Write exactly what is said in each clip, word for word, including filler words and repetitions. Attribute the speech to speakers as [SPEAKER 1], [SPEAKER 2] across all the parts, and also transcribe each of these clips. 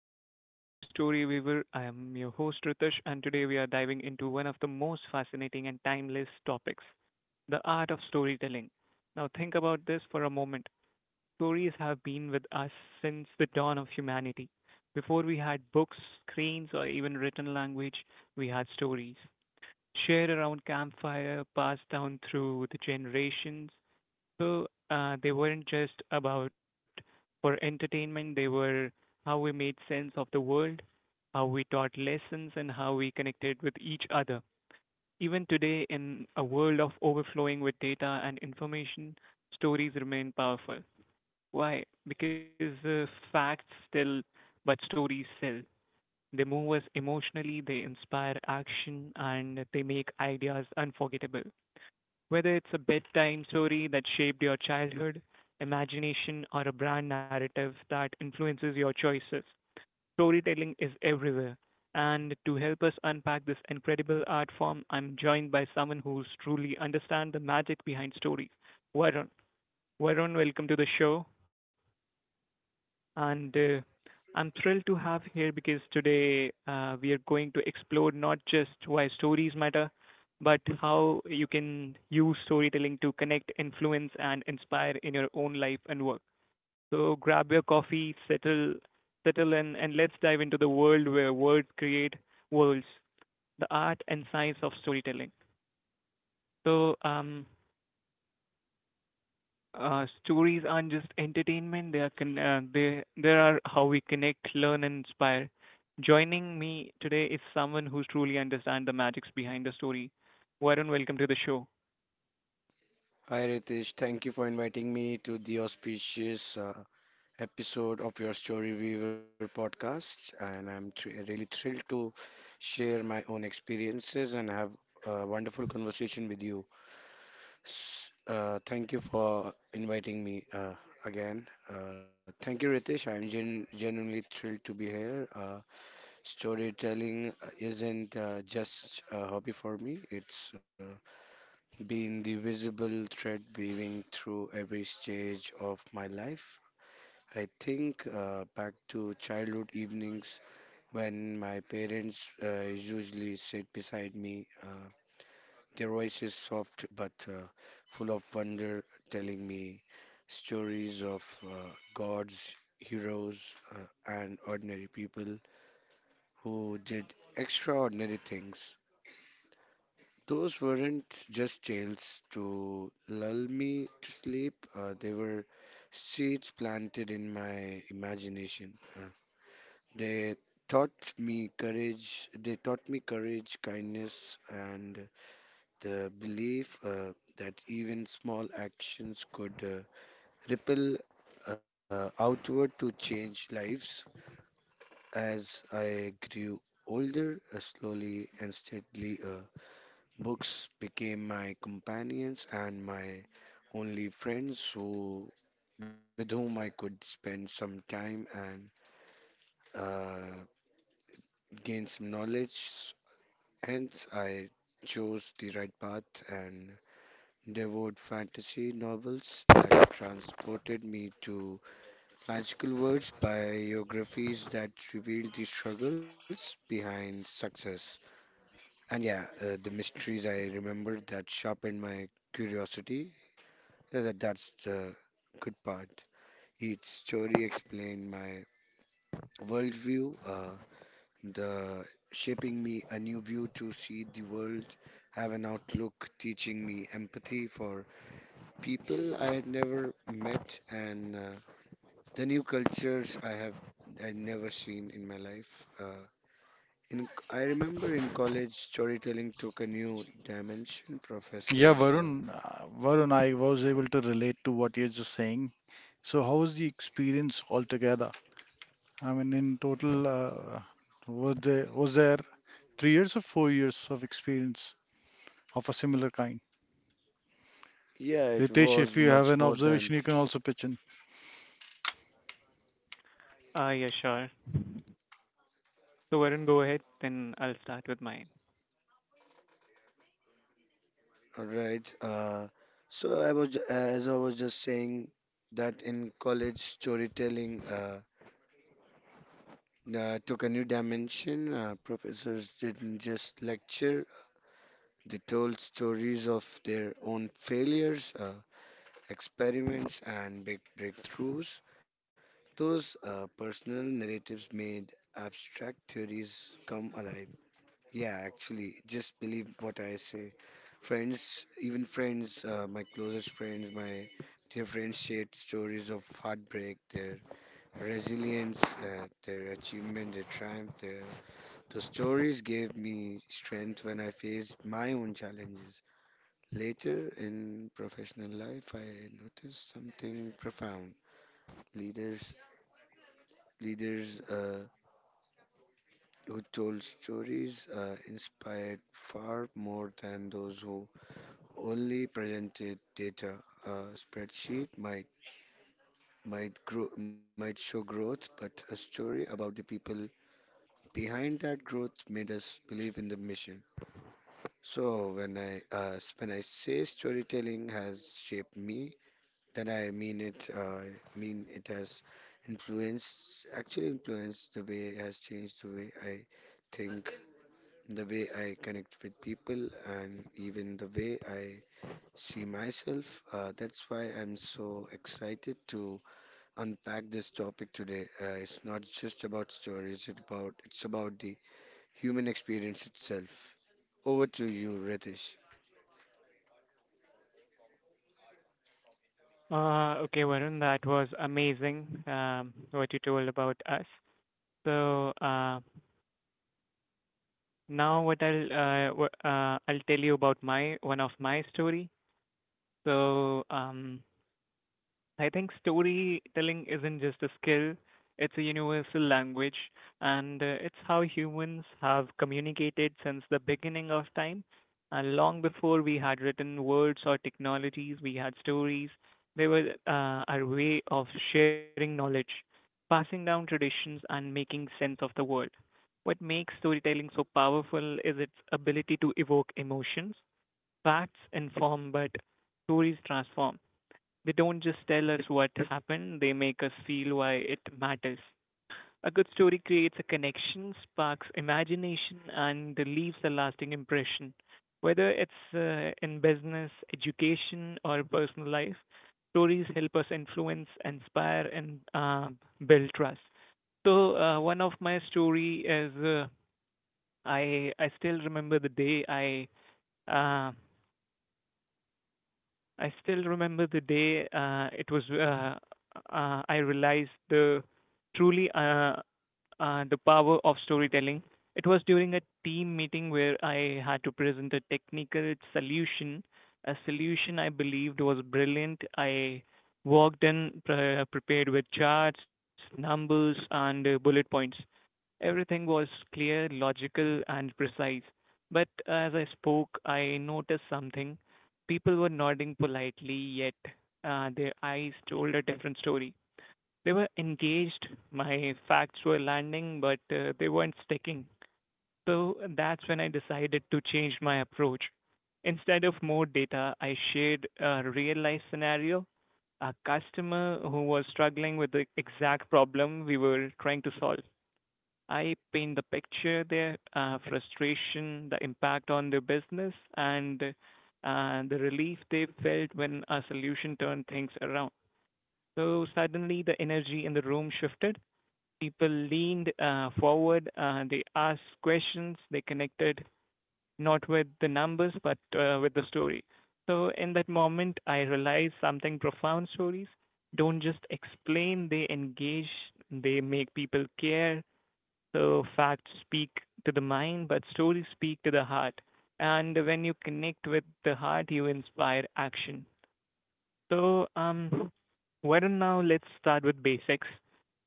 [SPEAKER 1] and welcome to the Story Weaver. I am your host Ritesh and today we are diving into one of the most fascinating and timeless topics, the art of storytelling. Now think about this for a moment. Stories have been with us since the dawn of humanity. Before we had books, screens or even written language, we had stories shared around campfire, passed down through the generations. So uh, they weren't just about for entertainment, they were how we made sense of the world, how we taught lessons, and how we connected with each other. Even today, in a world of overflowing with data and information, stories remain powerful. Why? Because uh, facts still, but stories sell. They move us emotionally, they inspire action, and they make ideas unforgettable. Whether it's a bedtime story that shaped your childhood, imagination, or a brand narrative that influences your choices, storytelling is everywhere. And to help us unpack this incredible art form, I'm joined by someone who's truly understands the magic behind stories. Varun. Varun, welcome to the show, and uh, I'm thrilled to have here, because today uh, we are going to explore not just why stories matter, but how you can use storytelling to connect, influence, and inspire in your own life and work. So grab your coffee, settle, settle in, and let's dive into the world where words create worlds, the art and science of storytelling. So um, uh, Stories aren't just entertainment. They are con- uh, they there are how we connect, learn, and inspire. Joining me today is someone who truly understands the magics behind the story. Varun, welcome to the show.
[SPEAKER 2] Yeah, Varun, uh, Varun, I was able to relate to what you're just saying. So how was the experience altogether? I mean, in total, uh, was there was there three years or four years of experience of a similar kind? Ritesh, if you have an observation, you can also pitch in.
[SPEAKER 1] Ah, yeah, sure. So Varun, go ahead, then I'll start with mine. Uh, okay, Varun, that was amazing. Um, what you told about us. So, uh, now what I'll uh, wha- uh I'll tell you about my one of my story. So, um, I think storytelling isn't just a skill, it's a universal language, and uh, it's how humans have communicated since the beginning of time. And long before we had written words or technologies, we had stories. They were uh, our way of sharing knowledge, passing down traditions, and making sense of the world. What makes storytelling so powerful is its ability to evoke emotions. Facts inform, but stories transform. They don't just tell us what happened, they make us feel why it matters. A good story creates a connection, sparks imagination, and leaves a lasting impression. Whether it's uh, in business, education, or personal life, stories help us influence, inspire, and uh, build trust. So uh, one of my story is uh, I I still remember the day I uh, I still remember the day uh, it was uh, uh, I realized the truly uh, uh, the power of storytelling. It was during a team meeting where I had to present a technical solution, a solution I believed was brilliant. I walked in pre- prepared with charts, numbers, and uh, bullet points. Everything was clear, logical, and precise. But as I spoke, I noticed something. People were nodding politely, yet uh, their eyes told a different story. They were engaged, my facts were landing, but uh, they weren't sticking. So that's when I decided to change my approach. Instead of more data, I shared a real life scenario, a customer who was struggling with the exact problem we were trying to solve. I paint the picture there, uh, frustration, the impact on their business, and uh, the relief they felt when a solution turned things around. So suddenly the energy in the room shifted. People leaned uh, forward, uh, they asked questions, they connected not with the numbers but uh, with the story. So in that moment, I realized something profound. Stories don't just explain, they engage, they make people care, so facts speak to the mind, but stories speak to the heart. And when you connect with the heart, you inspire action. So, um, why don't now let's start with basics.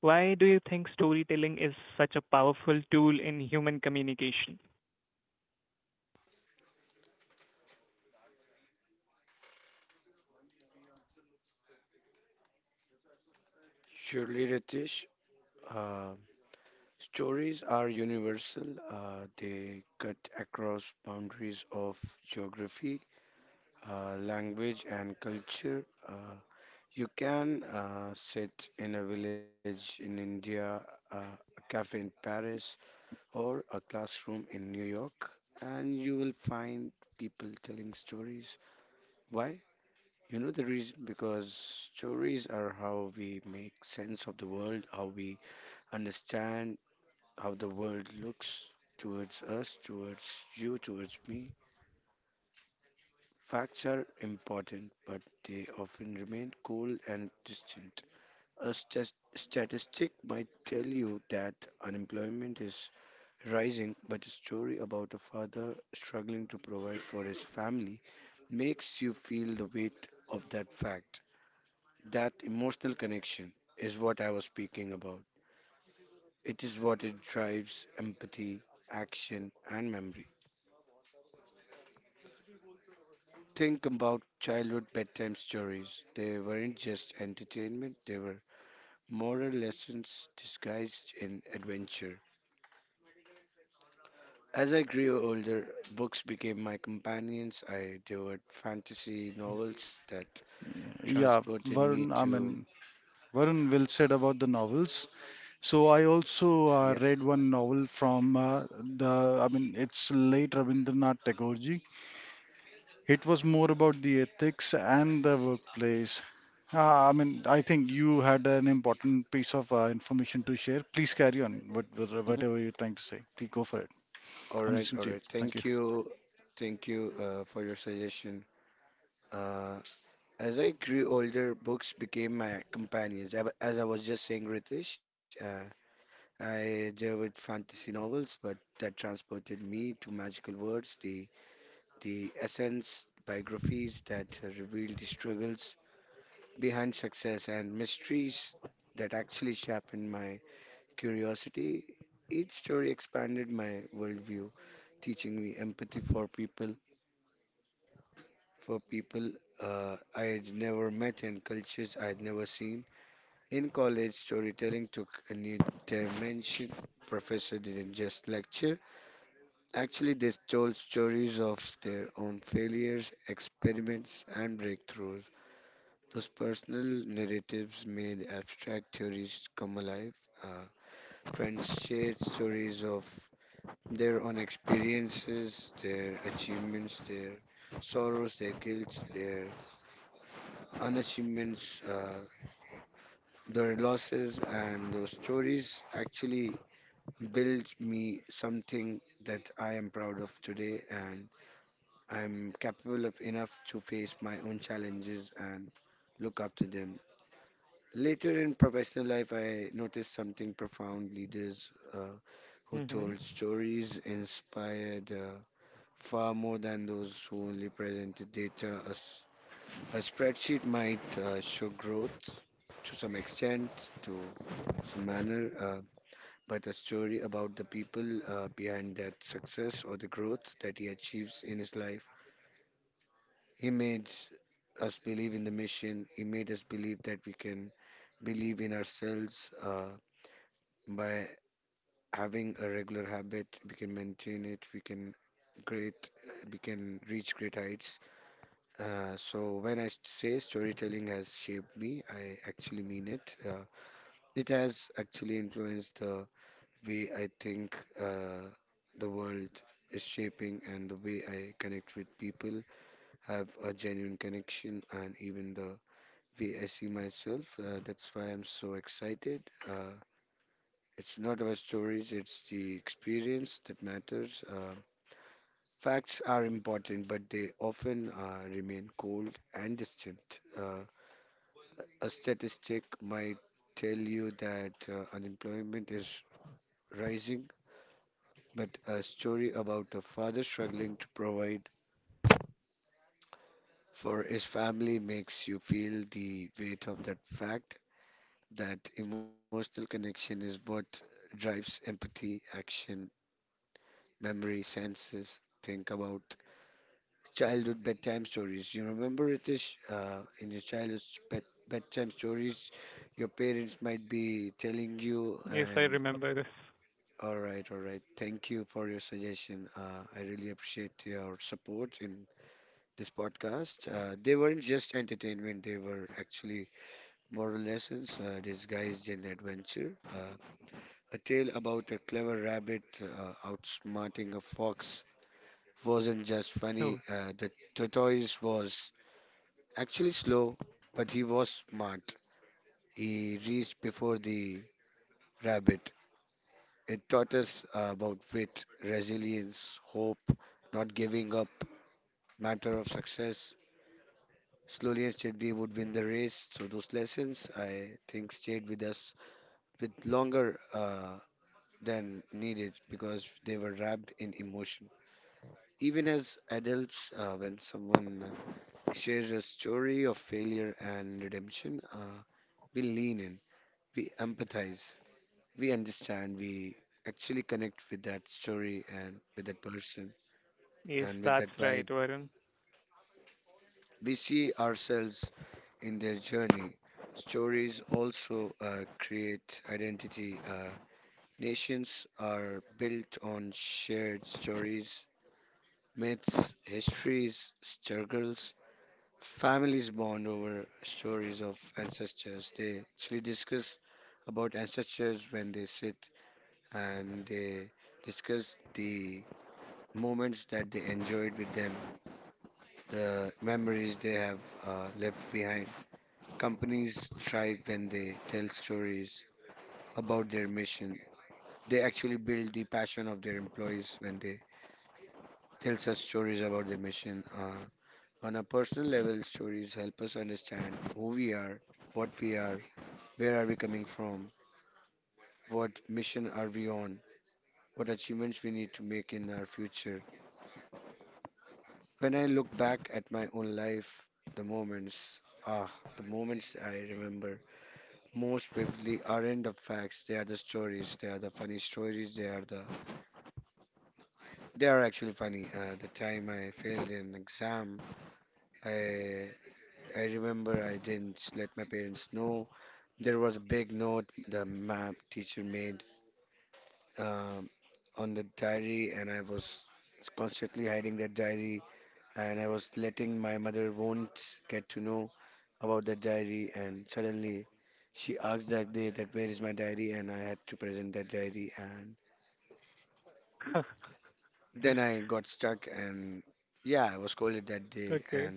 [SPEAKER 1] Why do you think storytelling is such a powerful tool in human communication?
[SPEAKER 2] Yeah, Varun, I mean, Varun will said about the novels. So I also uh, read one novel from uh, the, I mean, it's late Rabindranath Tagore. It was more about the ethics and the workplace. Ah, I mean, I think you had an important piece of uh, information to share. Please carry on with with whatever you're trying to say. Please go for it. I'm listening to you. Thank you.
[SPEAKER 1] Mm-hmm. Yes, I remember this. Oh, yes, that's right, Varun. Okay,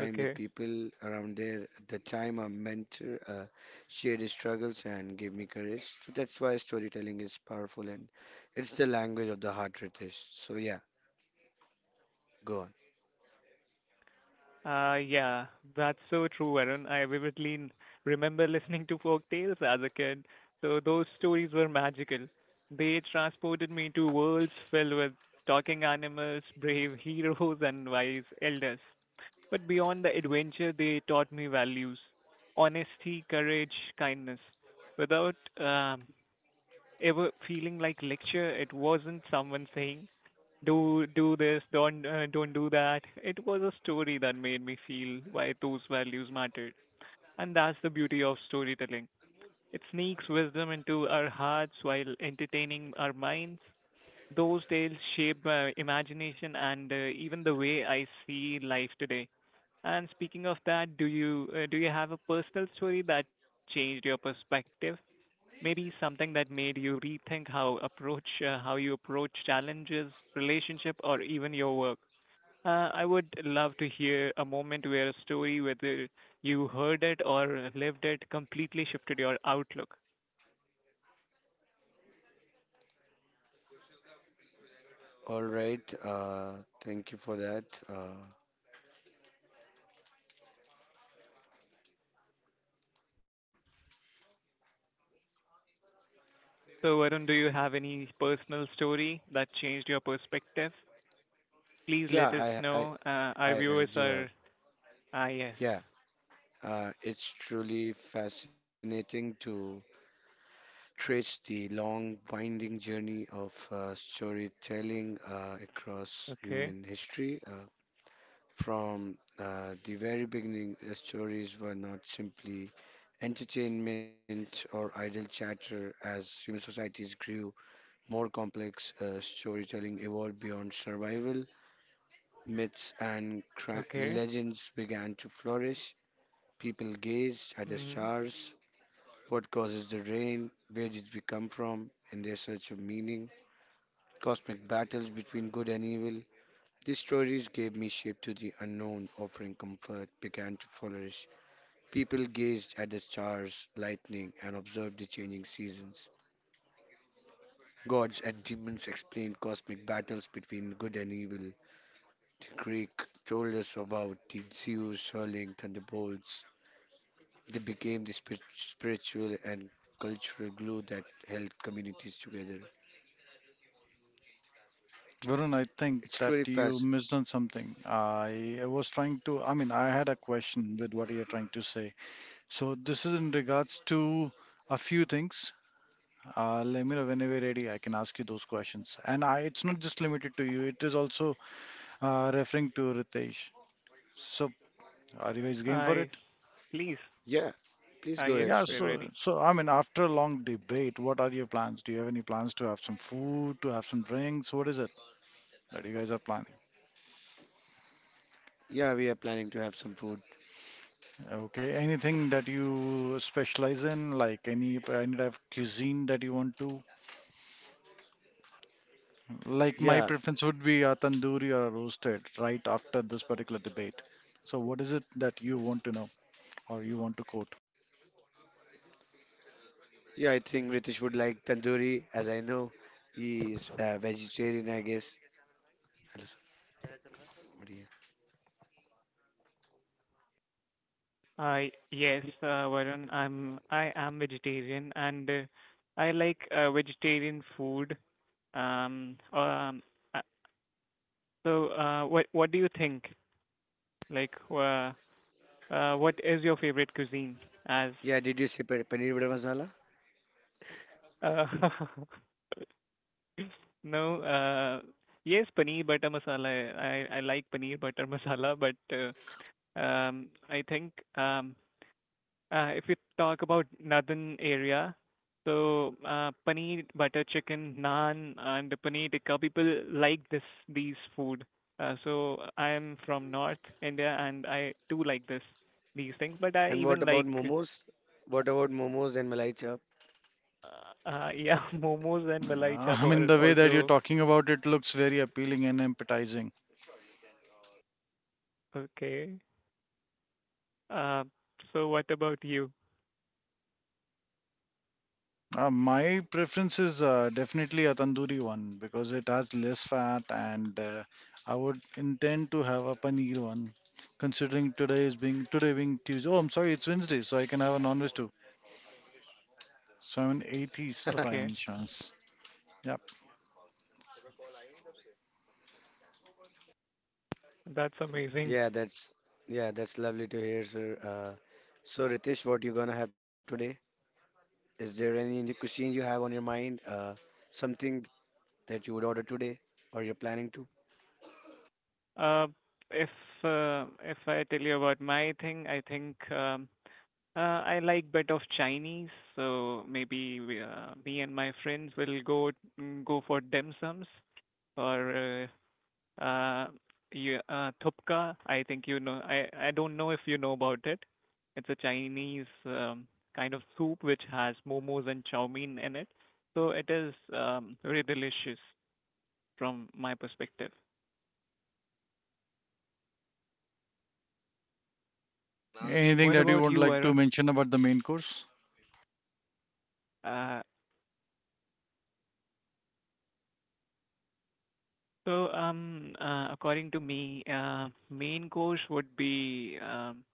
[SPEAKER 1] okay. Uh, yeah, that's so true, Arun. I vividly n- remember listening to folk tales as a kid, so those stories were magical. They transported me to worlds filled with talking animals, brave heroes, and wise elders. But beyond the adventure, they taught me values: honesty, courage, kindness. Without um, ever feeling like lecture. It wasn't someone saying, "Do do this, don't uh, don't do that." It was a story that made me feel why those values mattered, and that's the beauty of storytelling. It sneaks wisdom into our hearts while entertaining our minds. Those tales shape my imagination and uh, even the way I see life today. And speaking of that, do you uh, do you have a personal story that changed your perspective? Maybe something that made you rethink how approach uh, how you approach challenges, relationship, or even your work. Uh, I would love to hear a moment where a story, whether you heard it or lived it, completely shifted your outlook. So, Varun, do you have any personal story that changed your perspective? Please let us know. Uh, our viewers are ah yes, okay, okay. Mm-hmm.
[SPEAKER 2] Varun, I think that you missed on something. I was trying to, I mean, I had a question with what you're trying to say. So this is in regards to a few things. Uh, let me know whenever you're ready. I can ask you those questions. And I, it's not just limited to you. It is also uh, referring to Ritesh. So are you guys game for
[SPEAKER 1] I
[SPEAKER 2] it?
[SPEAKER 1] please ah yes,
[SPEAKER 2] Yeah,
[SPEAKER 1] we're
[SPEAKER 2] so
[SPEAKER 1] ready.
[SPEAKER 2] so I mean, after a long debate, what are your plans? Do you have any plans to have some food, to have some drinks? What is it that you guys are planning? Okay, anything that you specialize in, like any any type of cuisine that you want to? Like my preference would be a tandoori or a roasted right after this particular debate. So what is it that you want to know or you want to quote?
[SPEAKER 1] I yes, uh, Varun, I'm I am vegetarian and uh, I like uh, vegetarian food. Um, um, uh, so uh, what what do you think? Like, uh, uh, what is your favorite cuisine? As uh, no, uh, yes, paneer butter masala. I I like paneer butter masala, but uh, um, I think um, Uh, if we talk about northern area, so uh, paneer butter chicken, naan, and paneer tikka, people like this these food. Uh, so I am from North India, and I do like this these things. But I even like uh, uh, yeah momos and
[SPEAKER 2] Uh,
[SPEAKER 1] malai chap
[SPEAKER 2] I mean,
[SPEAKER 1] are
[SPEAKER 2] the way that you're
[SPEAKER 1] also
[SPEAKER 2] talking about it looks very appealing and appetizing.
[SPEAKER 1] okay. Uh, so what about you?
[SPEAKER 2] Uh, my preference is uh, definitely a tandoori one because it has less fat, and uh, I would intend to have a paneer one, considering today is being today being Tuesday. Oh, I'm sorry, it's Wednesday, so I can have a non-veg too. So I'm an atheist by any
[SPEAKER 1] Okay,
[SPEAKER 2] chance. Yep.
[SPEAKER 1] that's amazing. Uh, if uh, if I tell you about my thing, I think. Um, Uh, I like bit of Chinese, so maybe we, uh, me and my friends will go mm, go for dim sums or uh, uh, you, uh, thupka. I think you know. I I don't know if you know about it. It's a Chinese um, kind of soup which has momos and chow mein in it, so it is um, very delicious from my perspective.
[SPEAKER 2] Anything
[SPEAKER 1] What
[SPEAKER 2] that you
[SPEAKER 1] about
[SPEAKER 2] would
[SPEAKER 1] you,
[SPEAKER 2] like to
[SPEAKER 1] Arun?
[SPEAKER 2] mention about the main course?
[SPEAKER 1] Uh, so, um, uh, according to me, uh, main course would be um,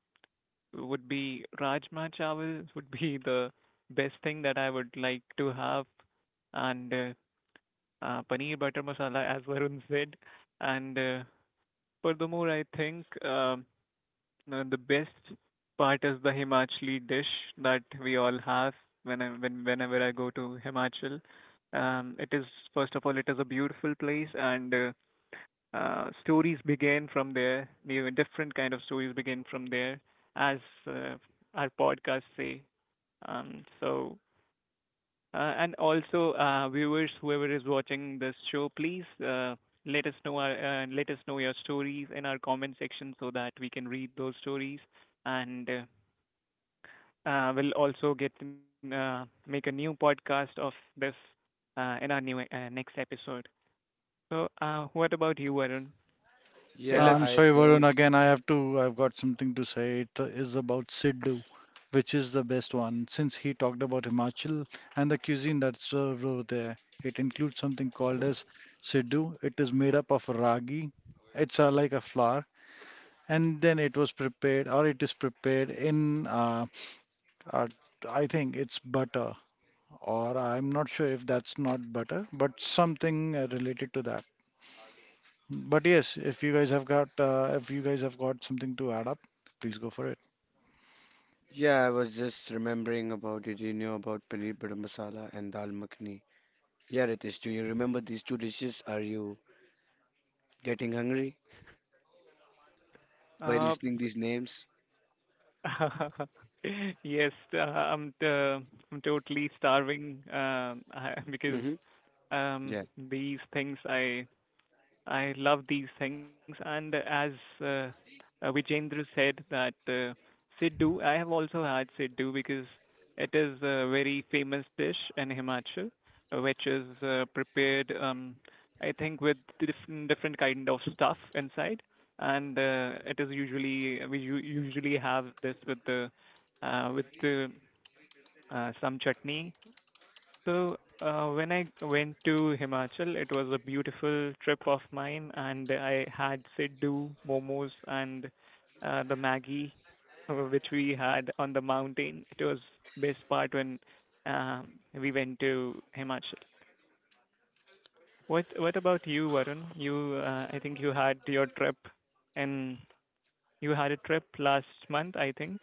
[SPEAKER 1] would be Rajma Chawal would be the best thing that I would like to have, and uh, uh, Paneer Butter Masala, as Varun said. And uh, furthermore, I think um, uh, the best part is the Himachali dish that we all have when I, when whenever I go to Himachal. Um, it is first of all, it is a beautiful place, and uh, uh, stories began from there. Maybe different kind of stories begin from there, as uh, our podcasts say. Um, so, uh, and also uh, viewers, whoever is watching this show, please uh, let us know our, uh, let us know your stories in our comment section so that we can read those stories, and uh, uh, we'll also get uh, make a new podcast of this uh, in our new uh, next episode. So, uh, what about you, Arun? Tell
[SPEAKER 2] Uh,
[SPEAKER 1] us
[SPEAKER 2] I'm sorry, Varun. Again, I have to. I've got something to say. It is about Sidhu, which is the best one. Since he talked about Himachal and the cuisine that's served over there, it includes something called as Sidhu. It is made up of ragi. It's uh, like a flour, and then it was prepared, or it is prepared in. Uh, uh, I think it's butter, or I'm not sure if that's not butter, but something uh, related to that. But yes, if you guys have got uh, if you guys have got something to add up, please go for it.
[SPEAKER 1] uh, Yes, uh, I'm uh, I'm totally starving, um, I- because um, these things I I love these things. And as uh, uh, Vijendra said that uh, Siddu, I have also had Siddu because it is a very famous dish in Himachal, uh, which is uh, prepared, um, I think, with different different kind of stuff inside, and uh, it is usually we u- usually have this with the uh, with the uh, some chutney. So, uh, when I went to Himachal, it was a beautiful trip of mine, and I had Siddu, momos, and uh, the Maggie, uh, which we had on the mountain. It was best part when um, we went to Himachal. What What about you, Varun? You, uh, I think you had your trip, and you had a trip last month, I think.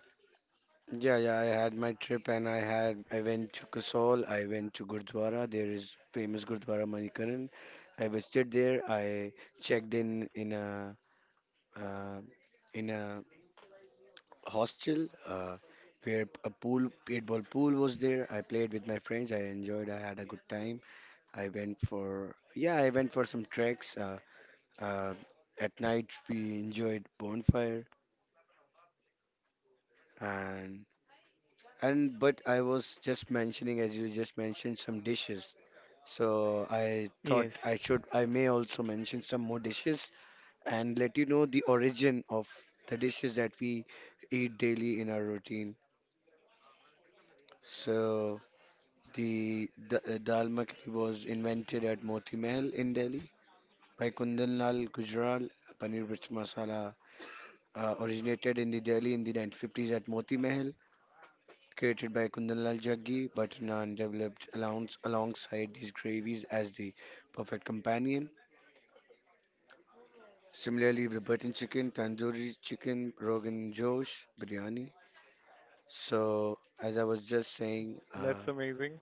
[SPEAKER 1] Yes, that's amazing.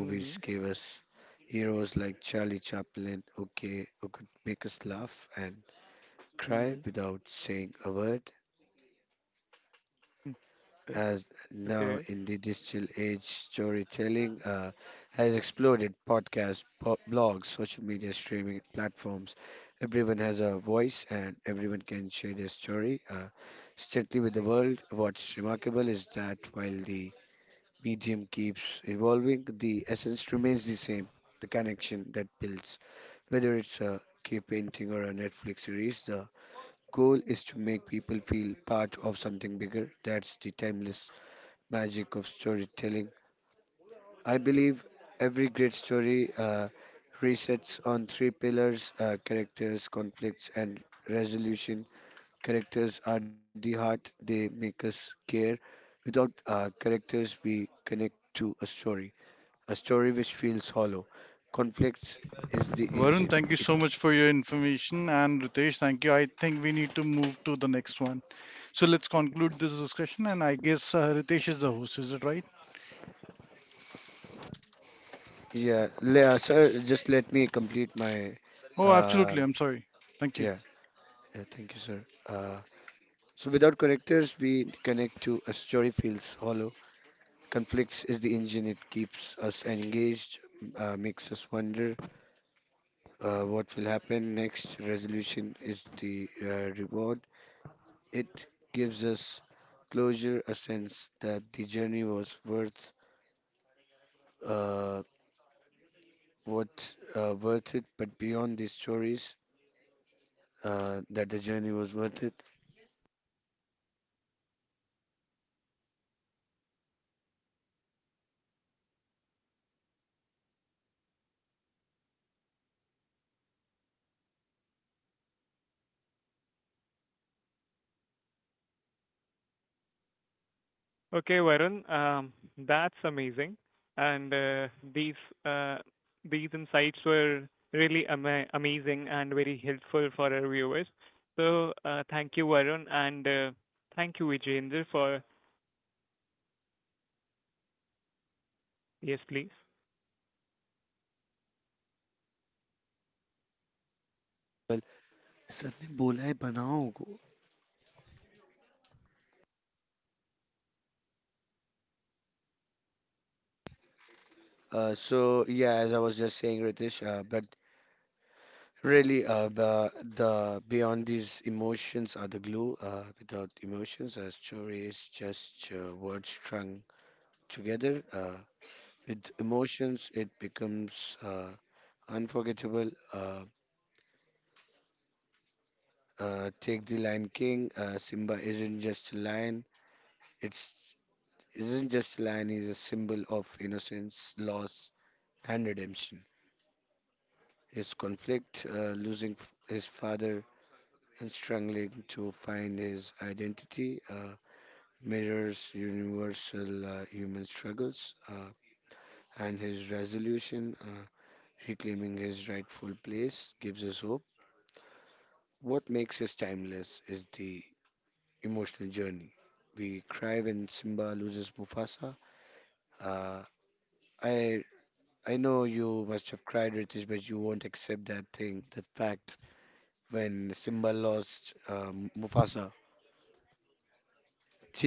[SPEAKER 1] Mm-hmm. Mm-hmm. Okay.
[SPEAKER 2] Varun, thank you so much for your information. And Ritesh, thank you. I think we need to move to the next one. So let's conclude this discussion. And I guess uh, Ritesh is the host, is it right? Oh, absolutely. I'm sorry. Thank you.
[SPEAKER 1] Okay, Varun, um, that's amazing. And uh, these uh, these insights were really ama- amazing and very helpful for our viewers. So uh, thank you, Varun, and uh, thank you, Vijayendra, for yes, please.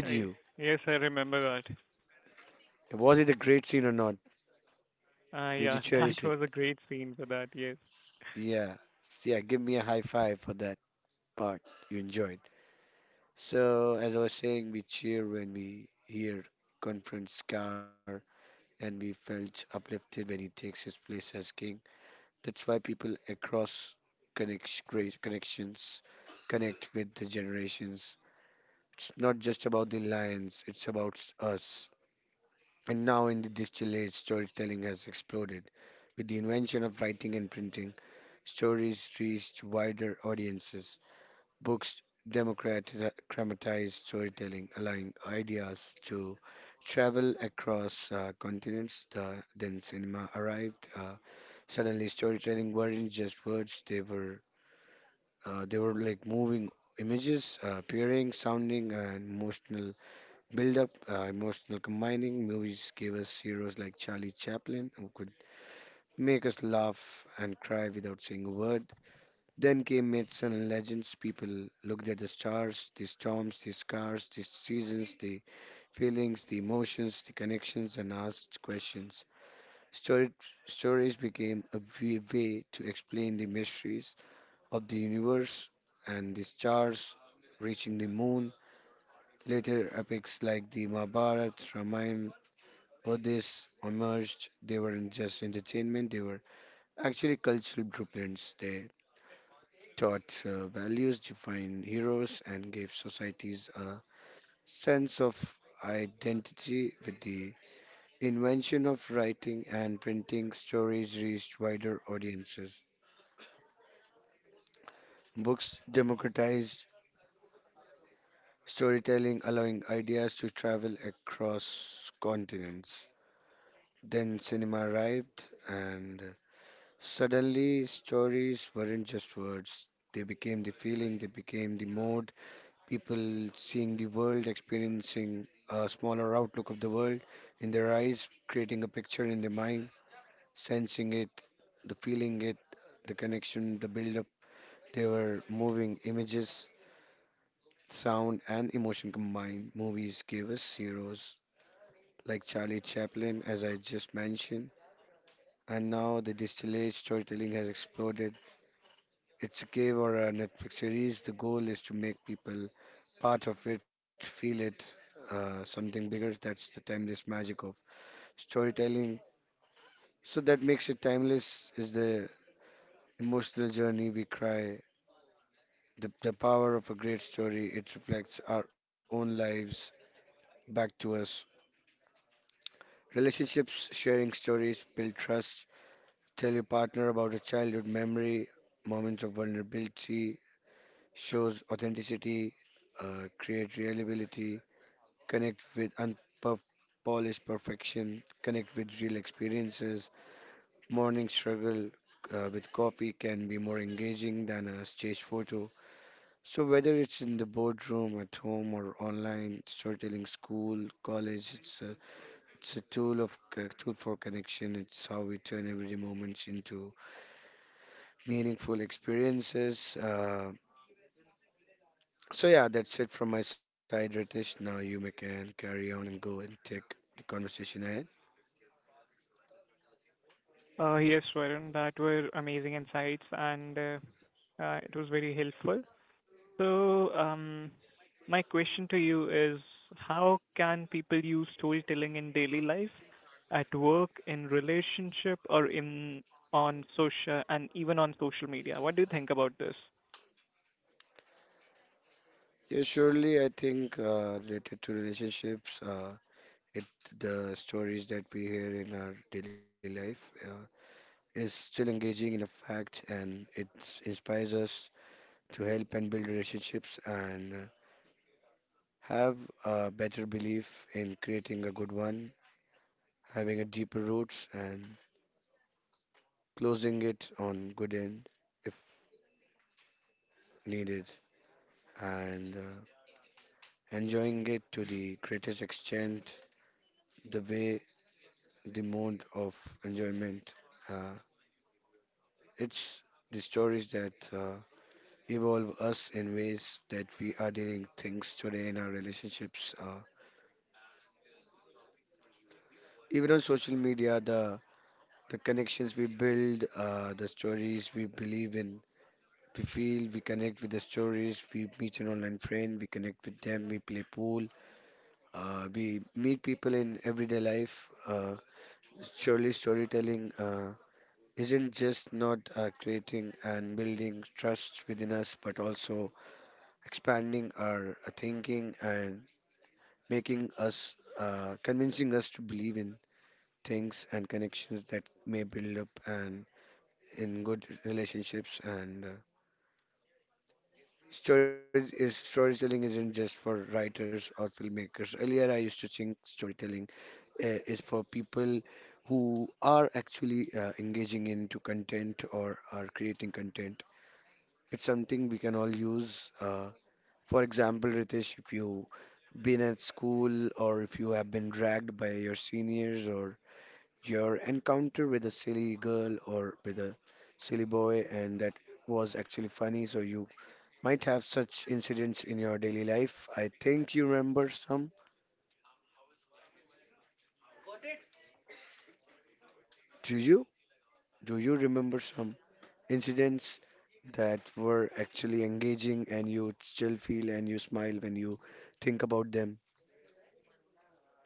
[SPEAKER 1] I, yes, I remember that. Uh, yeah, that was a great scene for that. Yes. Uh, yes, Varun, that were amazing insights, and uh, uh, it was very helpful. So, um, my question to you is, how can people use storytelling in daily life, at work, in relationship, or in on social and even on social media? What do you think about this?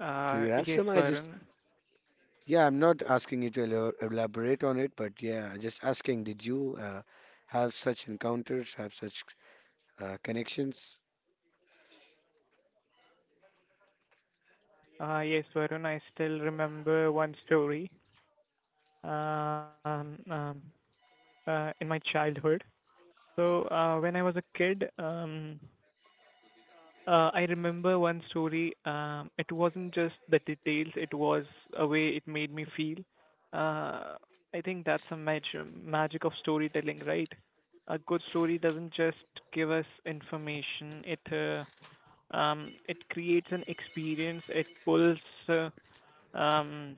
[SPEAKER 1] Uh, yes, Varun. Uh, yes, Varun. I still remember one story. Um, um, uh, in my childhood. So, uh, When I was a kid, um, Uh, I remember one story. Um, it wasn't just the details; it was a way it made me feel. Uh, I think that's a magic magic of storytelling, right? A good story doesn't just give us information; it uh, um, it creates an experience. It pulls, uh, um,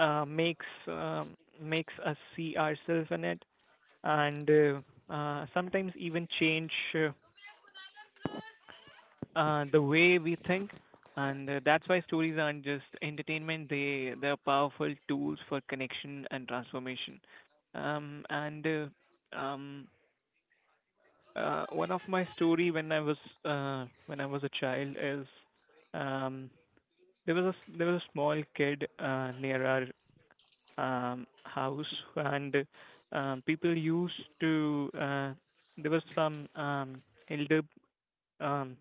[SPEAKER 1] uh, makes um, makes us see ourselves in it, and uh, uh, sometimes even change uh, uh, the way we think, and uh, that's why stories aren't just entertainment. They they're powerful tools for connection and transformation. Um, and uh, um, uh, One of my story when I was uh, when I was a child is um, there was a s- there was a small kid uh, near our um, house, and um, people used to uh, there was some um, elder um,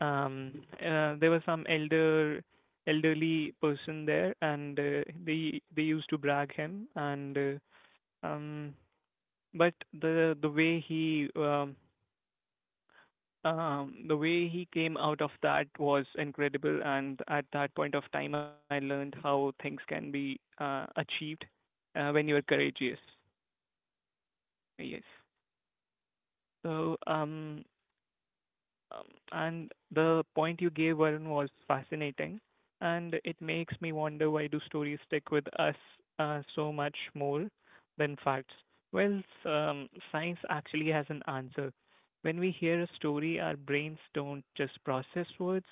[SPEAKER 1] um uh, there was some elder elderly person there and uh, they they used to brag him and uh, um but the the way he um, um the way he came out of that was incredible, and at that point of time I learned how things can be uh, achieved uh, when you are courageous. Yes, so um Um, And the point you gave, Varun, was fascinating, and it makes me wonder, why do stories stick with us uh, so much more than facts? Well, s- um, science actually has an answer. When we hear a story, our brains don't just process words,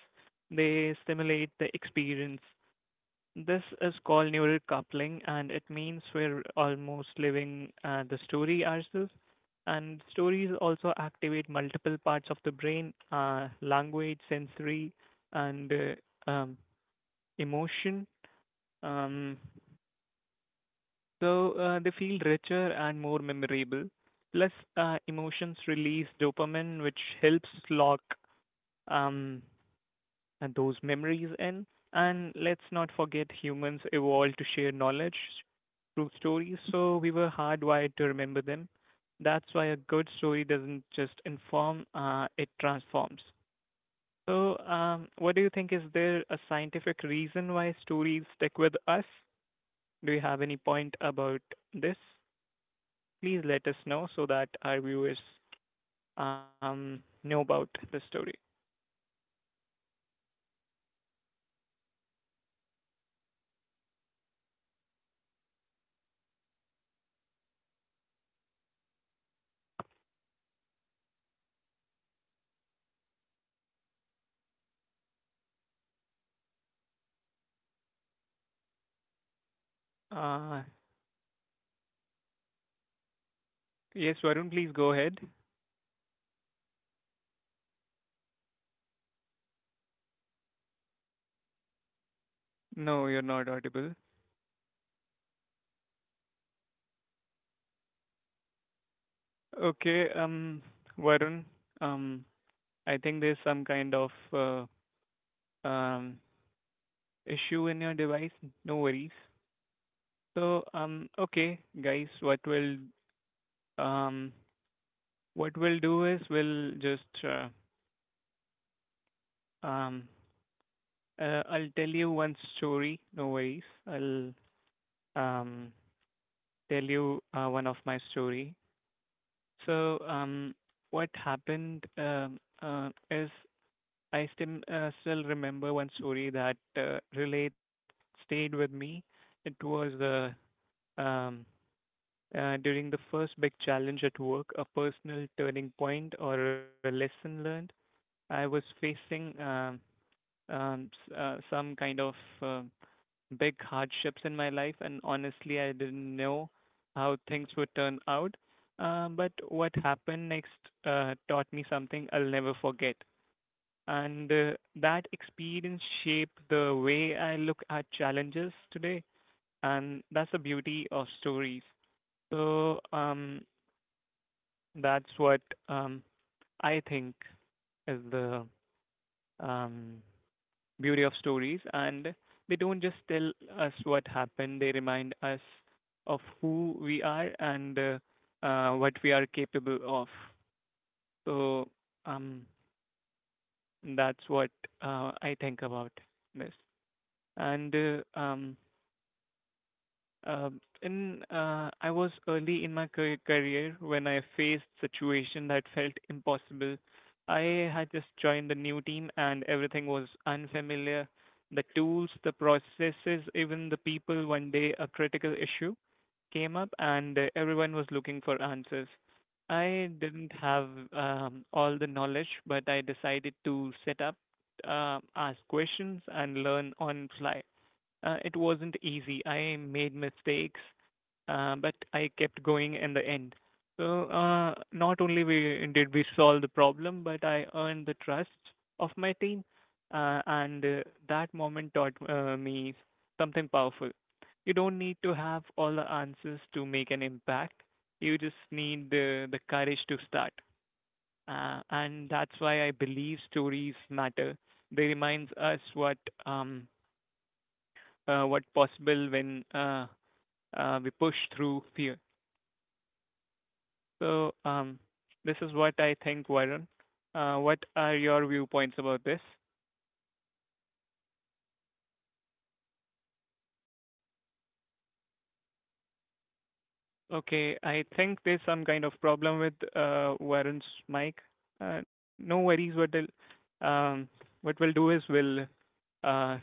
[SPEAKER 1] they stimulate the experience. This is called neural coupling, and it means we're almost living uh, the story ourselves. And stories also activate multiple parts of the brain, uh, language, sensory, and uh, um, emotion. Um, so uh, they feel richer and more memorable. Plus, uh, emotions release dopamine, which helps lock um, And those memories in. And let's not forget, humans evolved to share knowledge through stories, so we were hardwired to remember them. That's why a good story doesn't just inform, uh, it transforms. So, um, what do you think? Is there a scientific reason why stories stick with us? Do you have any point about this? Please let us know so that our viewers um, know about the story. Uh, yes, Varun, please go ahead. No, you're not audible. Okay, um, Varun, um, I think there's some kind of uh, um, issue in your device. No worries. So, um, okay, guys, what we'll um, what we'll do is we'll just uh, um, uh, I'll tell you one story. No worries. I'll um, Tell you uh, one of my story. So, um, what happened um uh, is I still uh, still remember one story that uh, really stayed with me. It was uh, um, uh, during the first big challenge at work, a personal turning point or a lesson learned. I was facing um, um, s- uh, some kind of um big hardships in my life, and honestly, I didn't know how things would turn out. Um, but what happened next uh, taught me something I'll never forget, and uh, that experience shaped the way I look at challenges today, and that's the beauty of stories. So um, that's what um, I think is the um, beauty of stories, and they don't just tell us what happened; they remind us of who we are and uh, uh, what we are capable of. So um, that's what uh, I think about this. And uh, um, Um, in uh, I was early in my car- career when I faced situation that felt impossible. I had just joined the new team and everything was unfamiliar. The tools, the processes, even the people. One day, a critical issue came up, and uh, everyone was looking for answers. I didn't have um, all the knowledge, but I decided to set up, uh, ask questions, and learn on fly. Uh, it wasn't easy. I made mistakes, uh, but I kept going in the end. So uh, not only we did we solve the problem, but I earned the trust of my team, uh, and uh, that moment taught uh, me something powerful. You don't need to have all the answers to make an impact. You just need the the courage to start. Uh, and that's why I believe stories matter. They reminds us what um, uh, what possible when uh, uh, we push through fear. So um, this is what I think, Varun. Uh, what are your viewpoints about this? Okay, I think there's some kind of problem with uh, Varun's mic. Uh, no worries. What I'll, um, what we'll do is we'll uh,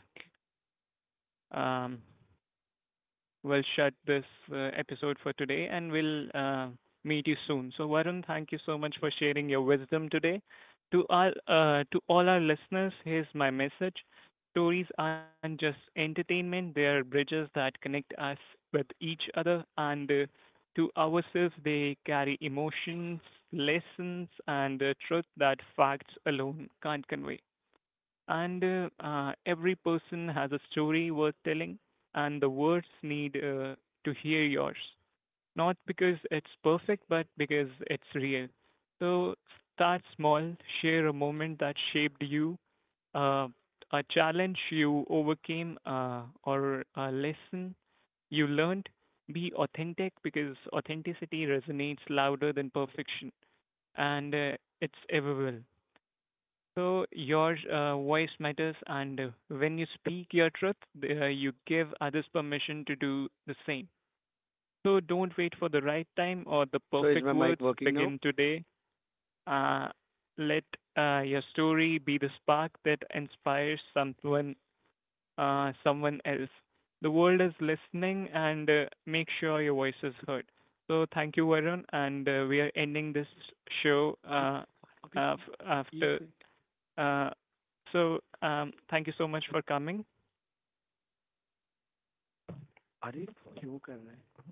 [SPEAKER 1] um, we'll shut this uh, episode for today and we'll uh, meet you soon. So Varun, thank you so much for sharing your wisdom today. To all uh, to all our listeners, here's my message. Stories aren't just entertainment, they are bridges that connect us with each other and uh, to ourselves. They carry emotions, lessons and uh, truth that facts alone can't convey, and uh, uh, every person has a story worth telling, and the words need uh, to hear yours. Not because it's perfect, but because it's real. So start small, share a moment that shaped you, uh, a challenge you overcame, uh, or a lesson you learned. Be authentic, because authenticity resonates louder than perfection, and uh, it's everywhere. So your uh, voice matters, and uh, when you speak your truth, uh, you give others permission to do the same. So don't wait for the right time or the
[SPEAKER 3] so is
[SPEAKER 1] perfect
[SPEAKER 3] my mic
[SPEAKER 1] words.
[SPEAKER 3] Working now?
[SPEAKER 1] Begin today. Uh, Let uh, your story be the spark that inspires someone, uh, someone else. The world is listening, and uh, make sure your voice is heard. So thank you, Varun, and uh, we are ending this show uh,
[SPEAKER 3] अभी
[SPEAKER 1] af-
[SPEAKER 3] ये
[SPEAKER 1] after
[SPEAKER 3] कर-
[SPEAKER 1] uh, so um, thank you so much for coming.
[SPEAKER 3] अरे क्यों कर रहा है।